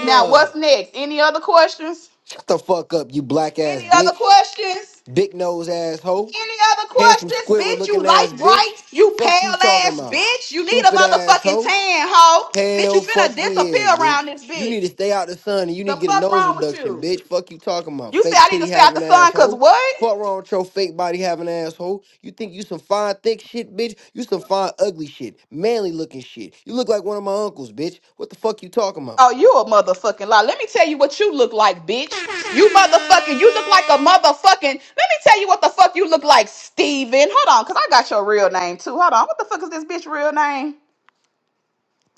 Speaker 1: Now what's next? Any other questions?
Speaker 7: Shut the fuck up, you black ass
Speaker 1: Any other
Speaker 7: bitch.
Speaker 1: questions?
Speaker 7: Big nose ass hoe.
Speaker 1: Any other
Speaker 7: Handsome
Speaker 1: questions?
Speaker 7: Squidward
Speaker 1: Bitch,
Speaker 7: looking
Speaker 1: you light
Speaker 7: ass bitch.
Speaker 1: bright. You
Speaker 7: Fuck you
Speaker 1: pale
Speaker 7: talking
Speaker 1: ass
Speaker 7: about,
Speaker 1: bitch. You need a
Speaker 7: stupid ass
Speaker 1: motherfucking
Speaker 7: hoe.
Speaker 1: tan, hoe. Bitch, you
Speaker 7: Hell
Speaker 1: finna
Speaker 7: fucking yeah,
Speaker 1: disappear
Speaker 7: bitch.
Speaker 1: around this
Speaker 7: You need to
Speaker 1: bitch.
Speaker 7: stay out the sun and you need
Speaker 1: The
Speaker 7: to get a
Speaker 1: fuck
Speaker 7: nose
Speaker 1: wrong with
Speaker 7: reduction,
Speaker 1: you?
Speaker 7: bitch. Fuck you talking about.
Speaker 1: You say
Speaker 7: Fake
Speaker 1: I need
Speaker 7: titty
Speaker 1: to stay out the
Speaker 7: having
Speaker 1: sun cause
Speaker 7: asshole.
Speaker 1: what?
Speaker 7: Fuck wrong with your fake body having asshole. You think you some fine thick shit, bitch? You some fine ugly shit. Manly looking shit. You look like one of my uncles, bitch. What the fuck you talking about?
Speaker 1: Oh, you a motherfucking lie. Let me tell you what you look like, bitch. You motherfucking, you look like a motherfucking. Let me tell you what the fuck you look like, Steven. Hold on, cause I got your real name too. Hold on. What the fuck is this bitch real name?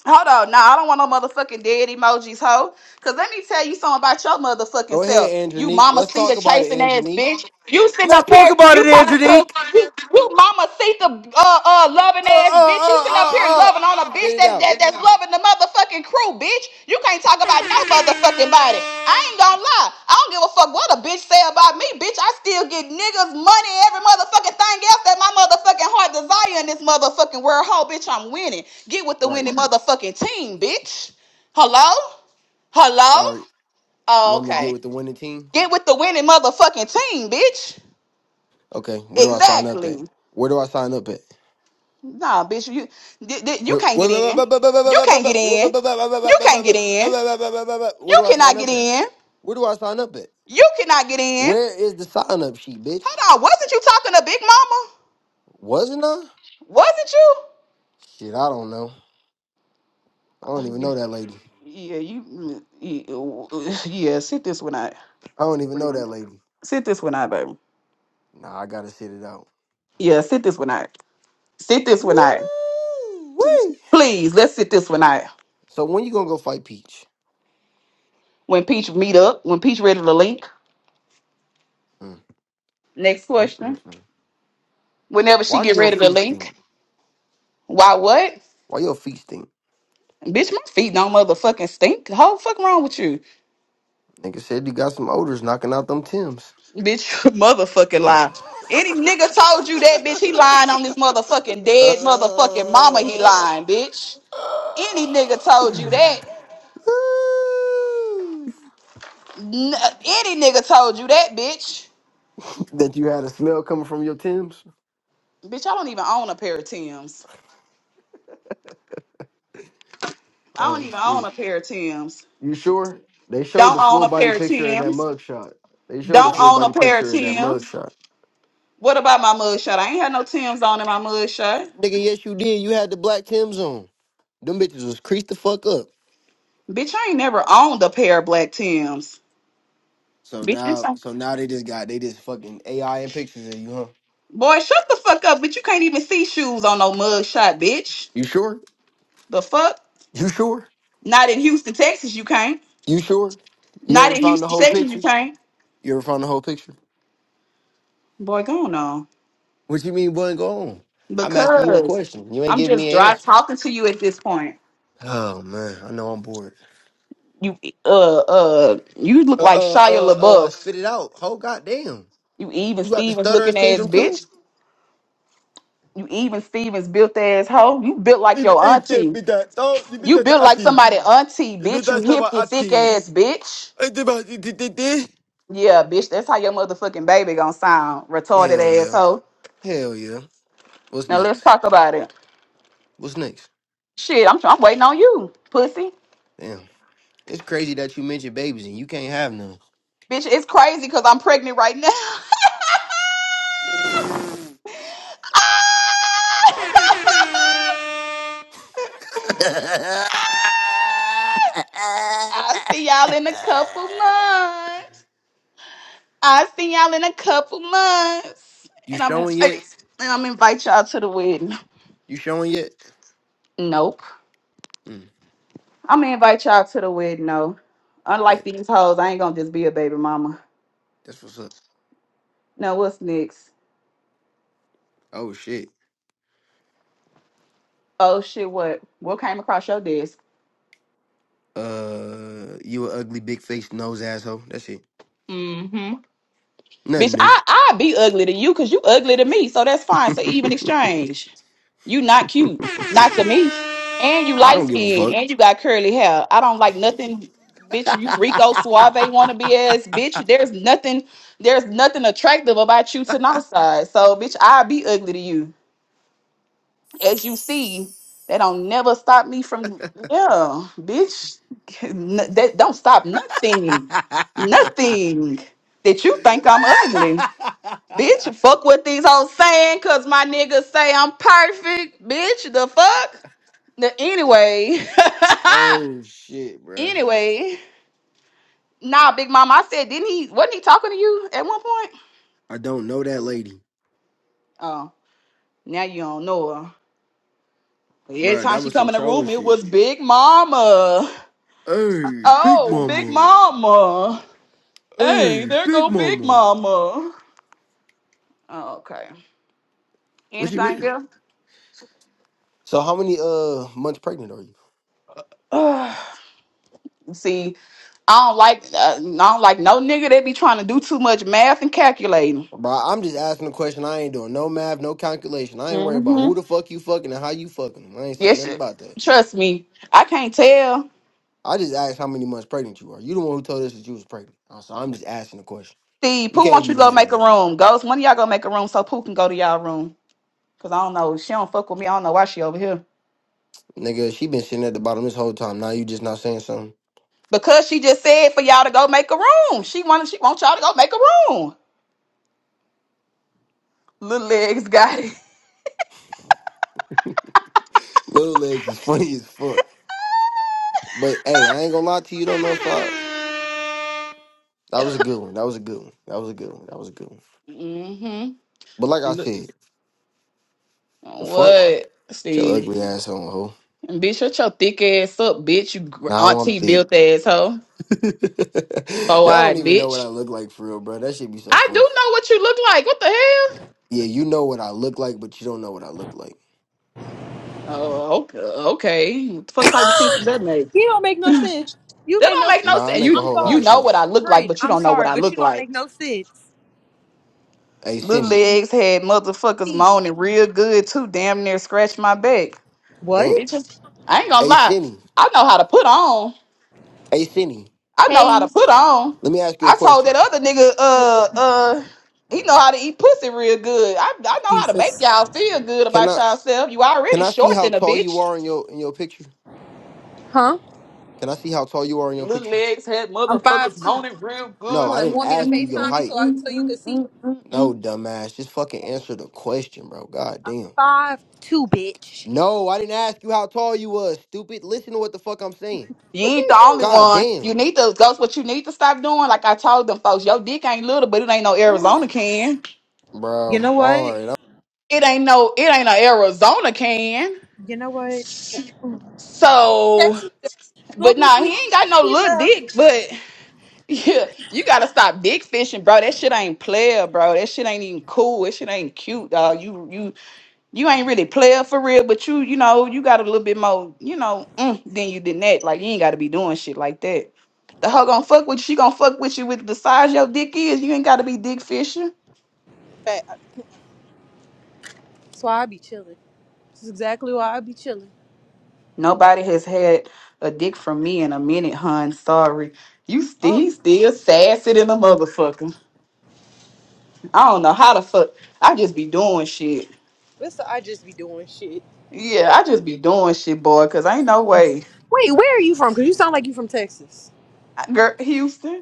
Speaker 1: Hold on, no, I don't want no motherfucking dead emojis, ho. Cause let me tell you something about your motherfucking
Speaker 7: Go
Speaker 1: self.
Speaker 7: ahead,
Speaker 1: You
Speaker 7: Andronique.
Speaker 1: mama
Speaker 7: Let's
Speaker 1: Sita
Speaker 7: talk about it,
Speaker 1: chasing ass
Speaker 7: Andronique.
Speaker 1: bitch. You sitting
Speaker 7: Let's
Speaker 1: up
Speaker 7: talk
Speaker 1: here,
Speaker 7: about
Speaker 1: you
Speaker 7: it,
Speaker 1: talking to
Speaker 7: Andronique.
Speaker 1: you, you mama Sita? uh uh loving
Speaker 7: Uh,
Speaker 1: ass
Speaker 7: uh,
Speaker 1: bitch. You
Speaker 7: uh,
Speaker 1: sitting up here
Speaker 7: uh, uh.
Speaker 1: loving on a bitch
Speaker 7: Spit it
Speaker 1: that,
Speaker 7: out.
Speaker 1: that that's loving the motherfucker the fucking crew, bitch. You can't talk about no motherfucking body. I ain't gonna lie. I don't give a fuck what a bitch say about me, bitch. I still get niggas money, every motherfucking thing else that my motherfucking heart desire in this motherfucking world. Ho, bitch, I'm winning. Get with the
Speaker 7: Right.
Speaker 1: winning motherfucking team, bitch. Hello? Hello?
Speaker 7: All right. You
Speaker 1: Oh,
Speaker 7: want me to get
Speaker 1: okay.
Speaker 7: with the winning team?
Speaker 1: Get with the winning motherfucking team, bitch.
Speaker 7: Okay, where do I sign up at?
Speaker 1: Exactly.
Speaker 7: Where do I sign up at?
Speaker 1: Nah, bitch, you th- th- you
Speaker 7: Where
Speaker 1: can't
Speaker 7: where-
Speaker 1: get
Speaker 7: where-
Speaker 1: in.
Speaker 7: where- where- where- where-
Speaker 1: You
Speaker 7: where-
Speaker 1: can't get
Speaker 7: where-
Speaker 1: in. You can't get in.
Speaker 7: where- where where
Speaker 1: You
Speaker 7: do I
Speaker 1: cannot
Speaker 7: sign
Speaker 1: get
Speaker 7: up at?
Speaker 1: in.
Speaker 7: Where do I sign up at?
Speaker 1: You cannot get in.
Speaker 7: Where is the sign up sheet, bitch?
Speaker 1: Hold on. Wasn't you talking to Big Mama?
Speaker 7: Wasn't I?
Speaker 1: Wasn't you?
Speaker 7: Shit, I don't know. I don't even
Speaker 1: Uh,
Speaker 7: know that lady.
Speaker 1: Yeah, yeah, you, mm, yeah, yeah, sit this one out.
Speaker 7: I don't even know that lady.
Speaker 1: Sit this one out, baby.
Speaker 7: Nah, I gotta sit it out.
Speaker 1: Yeah, sit this one out. Sit this
Speaker 7: Woo!
Speaker 1: one out.
Speaker 7: Wee!
Speaker 1: Please, let's sit this one out.
Speaker 7: So when you gonna go fight Peach?
Speaker 1: When Peach meet up, when Peach ready to link.
Speaker 7: Mm,
Speaker 1: Next
Speaker 7: mm, mm,
Speaker 1: question.
Speaker 7: mm.
Speaker 1: Whenever she
Speaker 7: Why do
Speaker 1: get
Speaker 7: your
Speaker 1: ready to
Speaker 7: feet stink?
Speaker 1: link, why what?
Speaker 7: Why your feet stink?
Speaker 1: Bitch, my feet don't motherfucking stink. How fuck wrong with you?
Speaker 7: Nigga said you got some odors knocking out them Tims.
Speaker 1: Bitch, motherfucking lie. Any nigga told you that, bitch, he lying on his motherfucking dead motherfucking mama, he lying, bitch. Any nigga told you that. N- uh, any nigga told you that, bitch.
Speaker 7: that you had a smell coming from your Tim's?
Speaker 1: Bitch, I don't even own a pair of Tim's. I don't
Speaker 7: Oh
Speaker 1: even own
Speaker 7: shit.
Speaker 1: a pair of Tim's.
Speaker 7: You sure? They showed
Speaker 1: Don't
Speaker 7: the
Speaker 1: own
Speaker 7: full
Speaker 1: a
Speaker 7: body
Speaker 1: pair of
Speaker 7: picture of that
Speaker 1: Tim's.
Speaker 7: mug shot. They showed the
Speaker 1: Don't
Speaker 7: full
Speaker 1: own a
Speaker 7: body
Speaker 1: pair of
Speaker 7: picture of that mug
Speaker 1: Tim's.
Speaker 7: shot.
Speaker 1: What about my mugshot? I ain't had no Tim's on in my mugshot.
Speaker 7: Nigga, yes you did. You had the black Tim's on. Them bitches was creased the fuck up.
Speaker 1: Bitch, I ain't never owned a pair of black Tim's.
Speaker 7: So now
Speaker 1: Bitch,
Speaker 7: so now they just got they just fucking AI and pictures of you, huh?
Speaker 1: Boy, shut the fuck up, but you can't even see shoes on no mug shot, bitch.
Speaker 7: You sure?
Speaker 1: The fuck?
Speaker 7: You sure?
Speaker 1: Not in Houston, Texas, you can't.
Speaker 7: You sure? You
Speaker 1: Not
Speaker 7: ever
Speaker 1: in
Speaker 7: found the
Speaker 1: Houston,
Speaker 7: whole
Speaker 1: Texas, you
Speaker 7: picture?
Speaker 1: can't.
Speaker 7: You ever found the whole picture?
Speaker 1: Boy, go on. on.
Speaker 7: What you mean wasn't go on? I'm asking you a
Speaker 1: Because
Speaker 7: question. You ain't
Speaker 1: I'm
Speaker 7: giving
Speaker 1: just
Speaker 7: me an
Speaker 1: dry
Speaker 7: answer.
Speaker 1: talking to you at this point.
Speaker 7: Oh man, I know I'm bored.
Speaker 1: You uh uh you look
Speaker 7: Uh
Speaker 1: like
Speaker 7: uh
Speaker 1: Shia
Speaker 7: uh uh
Speaker 1: LaBeouf.
Speaker 7: spit it out. Oh goddamn.
Speaker 1: You even
Speaker 7: You got the
Speaker 1: Stevens
Speaker 7: stuttering
Speaker 1: looking ass
Speaker 7: syndrome
Speaker 1: bitch.
Speaker 7: too?
Speaker 1: You even Stevens built ass hoe. You built like
Speaker 7: If
Speaker 1: your
Speaker 7: ain't that
Speaker 1: auntie.
Speaker 7: be that oh you be
Speaker 1: You
Speaker 7: that the
Speaker 1: built like
Speaker 7: ati.
Speaker 1: somebody auntie,
Speaker 7: You be
Speaker 1: bitch. You
Speaker 7: that
Speaker 1: hip
Speaker 7: saba
Speaker 1: and thick
Speaker 7: ati.
Speaker 1: ass bitch.
Speaker 7: Ain't that about- di- di- di- di?
Speaker 1: Yeah, bitch, that's how your motherfucking baby gonna sound, retarded
Speaker 7: Hell yeah.
Speaker 1: asshole.
Speaker 7: Hell yeah. What's
Speaker 1: Now let's
Speaker 7: next?
Speaker 1: talk about it.
Speaker 7: What's next?
Speaker 1: Shit, I'm I'm waiting on you, pussy.
Speaker 7: Damn. It's crazy that you mentioned babies and you can't have none.
Speaker 1: Bitch, it's crazy because I'm pregnant right now. I'll see y'all in a couple months. I'll see y'all in a couple months.
Speaker 7: you
Speaker 1: And I'm
Speaker 7: showing
Speaker 1: and
Speaker 7: yet?
Speaker 1: I'm invite y'all to the wedding.
Speaker 7: You showing yet?
Speaker 1: Nope.
Speaker 7: Mm,
Speaker 1: I'm gonna invite y'all to the wedding No,
Speaker 7: bet.
Speaker 1: Unlike these hoes, I ain't gonna just be a baby mama.
Speaker 7: That's what's up.
Speaker 1: Now what's next?
Speaker 7: Oh shit.
Speaker 1: Oh shit, what? What came across your desk?
Speaker 7: Uh, you a ugly big faced nose asshole. That's it.
Speaker 1: hmm
Speaker 7: Nothing
Speaker 1: Bitch,
Speaker 7: new.
Speaker 1: I I be ugly to you because you ugly to me, so that's fine. So even exchange. You not cute, not to me, and you
Speaker 7: I
Speaker 1: light
Speaker 7: don't give a
Speaker 1: skinned
Speaker 7: fuck.
Speaker 1: and you got curly hair. I don't like nothing, bitch. You Rico Suave wannabe ass bitch. There's nothing, there's nothing attractive about you to my side. So bitch, I be ugly to you, as you see. They don't never stop me from yeah, bitch. N- That don't stop nothing, nothing that you think I'm ugly. Bitch, fuck what these hoes saying, cause my niggas say I'm perfect. Bitch, the fuck? The, anyway.
Speaker 7: oh shit, bruh.
Speaker 1: anyway. Nah, Big Mama, I said, didn't he wasn't he talking to you at one point?
Speaker 7: I don't know that lady.
Speaker 1: Oh, now you don't know her. But every
Speaker 7: Bro,
Speaker 1: time
Speaker 7: that
Speaker 1: she
Speaker 7: was
Speaker 1: come
Speaker 7: some
Speaker 1: in the
Speaker 7: trolling
Speaker 1: room, it
Speaker 7: shit.
Speaker 1: was Big Mama.
Speaker 7: Hey, Big
Speaker 1: Oh, Big
Speaker 7: Mama.
Speaker 1: Mama. Hey,
Speaker 7: Hey,
Speaker 1: there
Speaker 7: Big
Speaker 1: go Big
Speaker 7: Mama.
Speaker 1: Mama. Oh, okay.
Speaker 7: What you
Speaker 1: Anything
Speaker 7: mean? So how many uh months pregnant are you?
Speaker 1: else? See, I don't like uh, I don't like no nigga that be trying to do too much math and calculating.
Speaker 7: Bro, I'm just asking a question. I ain't doing no math, no calculation. I ain't worried about
Speaker 1: hmm
Speaker 7: who the fuck you fucking and how you fucking. I ain't say
Speaker 1: Yes,
Speaker 7: nothing
Speaker 1: sir.
Speaker 7: about that.
Speaker 1: trust me, I can't tell.
Speaker 7: I just asked how many months pregnant you are. You the one who told us that you was pregnant. Uh, So I'm just asking a question.
Speaker 1: Steve,
Speaker 7: You
Speaker 1: Pooh,
Speaker 7: can't
Speaker 1: want
Speaker 7: be
Speaker 1: you to go
Speaker 7: mad at
Speaker 1: make a
Speaker 7: me.
Speaker 1: room? Ghost, one y'all go make a room so Pooh can go to y'all room. Cause I don't know, she don't fuck with me. I don't know why she over here.
Speaker 7: Nigga, she been sitting at the bottom this whole time. Now you just not saying something.
Speaker 1: Because she just said for y'all to go make a room. She wanted, she wants y'all to go make a room. Little legs got it.
Speaker 7: Little legs is funny as fuck. But hey, I ain't gonna lie to you though, no side. That was a good one. That was a good one. That was a good one. That was a good one.
Speaker 1: Mm-hmm.
Speaker 7: But like I said, the fuck
Speaker 1: What,
Speaker 7: Get your
Speaker 1: Steve?
Speaker 7: ugly ass on, ho.
Speaker 1: And bitch, shut your thick ass up, bitch. You gr-
Speaker 7: Now I'm
Speaker 1: auntie
Speaker 7: thick.
Speaker 1: built ass hoe. Oh,
Speaker 7: Y'all don't
Speaker 1: eyed
Speaker 7: even know what I
Speaker 1: bitch.
Speaker 7: look like for real, bro. That should be so
Speaker 1: I do
Speaker 7: funny.
Speaker 1: know what you look like. What the hell?
Speaker 7: Yeah, you know what I look like, but you don't know what I look like.
Speaker 1: Oh, okay. okay. What the fuck type of sense does that make?
Speaker 11: You don't make no sense. You
Speaker 1: That
Speaker 11: make
Speaker 1: don't
Speaker 11: no
Speaker 1: make no
Speaker 11: sense.
Speaker 7: Nah, I
Speaker 1: sense.
Speaker 7: make a
Speaker 1: You
Speaker 11: I'm
Speaker 7: whole lot
Speaker 1: you
Speaker 7: of
Speaker 11: sorry.
Speaker 1: know what I
Speaker 7: sense.
Speaker 1: look like,
Speaker 11: Friend,
Speaker 1: but you
Speaker 11: I'm
Speaker 1: don't know what
Speaker 11: sorry,
Speaker 1: I
Speaker 11: but you
Speaker 1: look
Speaker 11: don't
Speaker 1: like.
Speaker 11: make no sense.
Speaker 7: Hey,
Speaker 1: Little
Speaker 7: Cinny.
Speaker 1: legs had motherfuckers
Speaker 11: Steve.
Speaker 1: moaning real good too. Damn near scratched my back.
Speaker 7: Damn.
Speaker 11: What?
Speaker 1: Bitches, I ain't gonna
Speaker 7: Hey,
Speaker 1: lie.
Speaker 7: Cinny.
Speaker 1: I know how to put on.
Speaker 7: Hey, Cinny.
Speaker 1: I know how to
Speaker 11: Hey,
Speaker 1: put on.
Speaker 7: Let me ask you a
Speaker 1: I told
Speaker 7: question.
Speaker 1: that other nigga, uh, uh, he know how to eat pussy real good. I, I know how to make
Speaker 11: Jesus.
Speaker 1: y'all feel good
Speaker 7: Can
Speaker 1: about
Speaker 7: I
Speaker 1: yourself. You
Speaker 7: can
Speaker 1: already
Speaker 7: I see
Speaker 1: short
Speaker 7: how
Speaker 1: than a
Speaker 7: tall you
Speaker 1: bitch.
Speaker 7: are in your in your picture?
Speaker 11: Huh?
Speaker 7: Can I see how tall you are in your
Speaker 1: Little
Speaker 7: picture?
Speaker 1: legs had
Speaker 11: I'm five
Speaker 1: motherfuckers
Speaker 11: two.
Speaker 1: moaning real
Speaker 7: No,
Speaker 11: you
Speaker 1: good.
Speaker 7: I
Speaker 11: want,
Speaker 7: didn't
Speaker 1: Mm,
Speaker 11: want me to
Speaker 7: ask you
Speaker 1: mm,
Speaker 7: your
Speaker 11: FaceTime
Speaker 1: mm,
Speaker 11: you
Speaker 7: height.
Speaker 11: so I,
Speaker 1: mm,
Speaker 11: so you can
Speaker 1: mm,
Speaker 11: see?
Speaker 1: mm, mm,
Speaker 7: No,
Speaker 1: mm.
Speaker 7: dumbass. Just fucking answer the question, bro. God
Speaker 11: I'm
Speaker 7: damn.
Speaker 11: five two, bitch.
Speaker 7: No, I didn't ask you how tall you was, stupid. Listen to what the fuck I'm saying.
Speaker 1: You ain't the only
Speaker 7: God
Speaker 1: one. You
Speaker 7: damn.
Speaker 1: need to That's What you need to stop doing, like I told them folks, your dick ain't little, but it ain't no Arizona can.
Speaker 11: You
Speaker 7: Bro,
Speaker 11: know what?
Speaker 7: alright,
Speaker 1: It ain't no. It ain't no Arizona can.
Speaker 11: You know what?
Speaker 1: So,
Speaker 11: Text me the
Speaker 1: but
Speaker 11: public
Speaker 1: nah, he
Speaker 11: we
Speaker 1: ain't got no
Speaker 11: He
Speaker 1: little
Speaker 11: left.
Speaker 1: dick. But yeah, you gotta stop dick fishing, bro. That shit ain't player, bro. That shit ain't even cool. That shit ain't cute, dog. You you you ain't really player for real, but you, you know, you got a little bit more, you know, mm, than you did that. Like you ain't got to be doing shit like that. The hoe gonna fuck with you. She gonna fuck with you with the size your dick is. You ain't got to be dick fishing.
Speaker 11: Fat. That's why I be chilling. This is exactly why I be chilling.
Speaker 1: Nobody has had a dick from me in a minute, hun. Sorry. You still
Speaker 11: Oh,
Speaker 1: he still sassy than a motherfucker. I don't know how the fuck. I just be doing shit.
Speaker 11: this I just be doing shit.
Speaker 1: Yeah, I just be doing shit, boy. Cause ain't no way,
Speaker 11: Wait, where are you from? Because you sound like you from Texas.
Speaker 1: girl. Houston.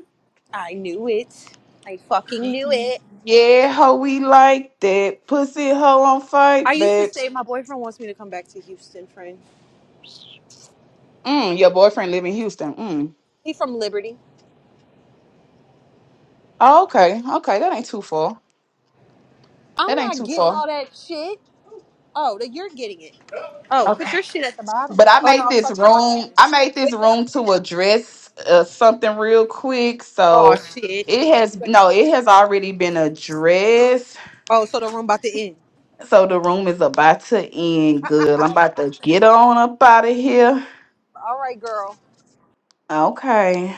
Speaker 11: I knew it. I fucking knew it.
Speaker 1: Yeah, ho, we like that. Pussy hoe on
Speaker 11: I
Speaker 1: fight
Speaker 11: used to
Speaker 1: back.
Speaker 11: say my boyfriend wants me to come back to Houston, friend.
Speaker 1: Mm, your boyfriend live in Houston. Mm.
Speaker 11: He from Liberty.
Speaker 1: Oh, okay, okay, that ain't too far.
Speaker 11: I'm
Speaker 1: That ain't
Speaker 11: not
Speaker 1: too
Speaker 11: getting
Speaker 1: far.
Speaker 11: all that shit. Oh, that you're getting it. Oh, put
Speaker 1: Okay.
Speaker 11: your shit at the bottom.
Speaker 1: But I
Speaker 11: Oh no,
Speaker 1: made
Speaker 11: I'm
Speaker 1: this
Speaker 11: talking to my
Speaker 1: room.
Speaker 11: cousin.
Speaker 1: I made
Speaker 11: But
Speaker 1: this
Speaker 11: yeah.
Speaker 1: room to address uh, something real quick.
Speaker 11: Oh
Speaker 1: So
Speaker 11: shit.
Speaker 1: it has no, it has already been addressed.
Speaker 11: Oh, so the room about to end.
Speaker 1: So the room is about to end. Good. I'm about to get on up out of here.
Speaker 11: All right, girl.
Speaker 1: Okay.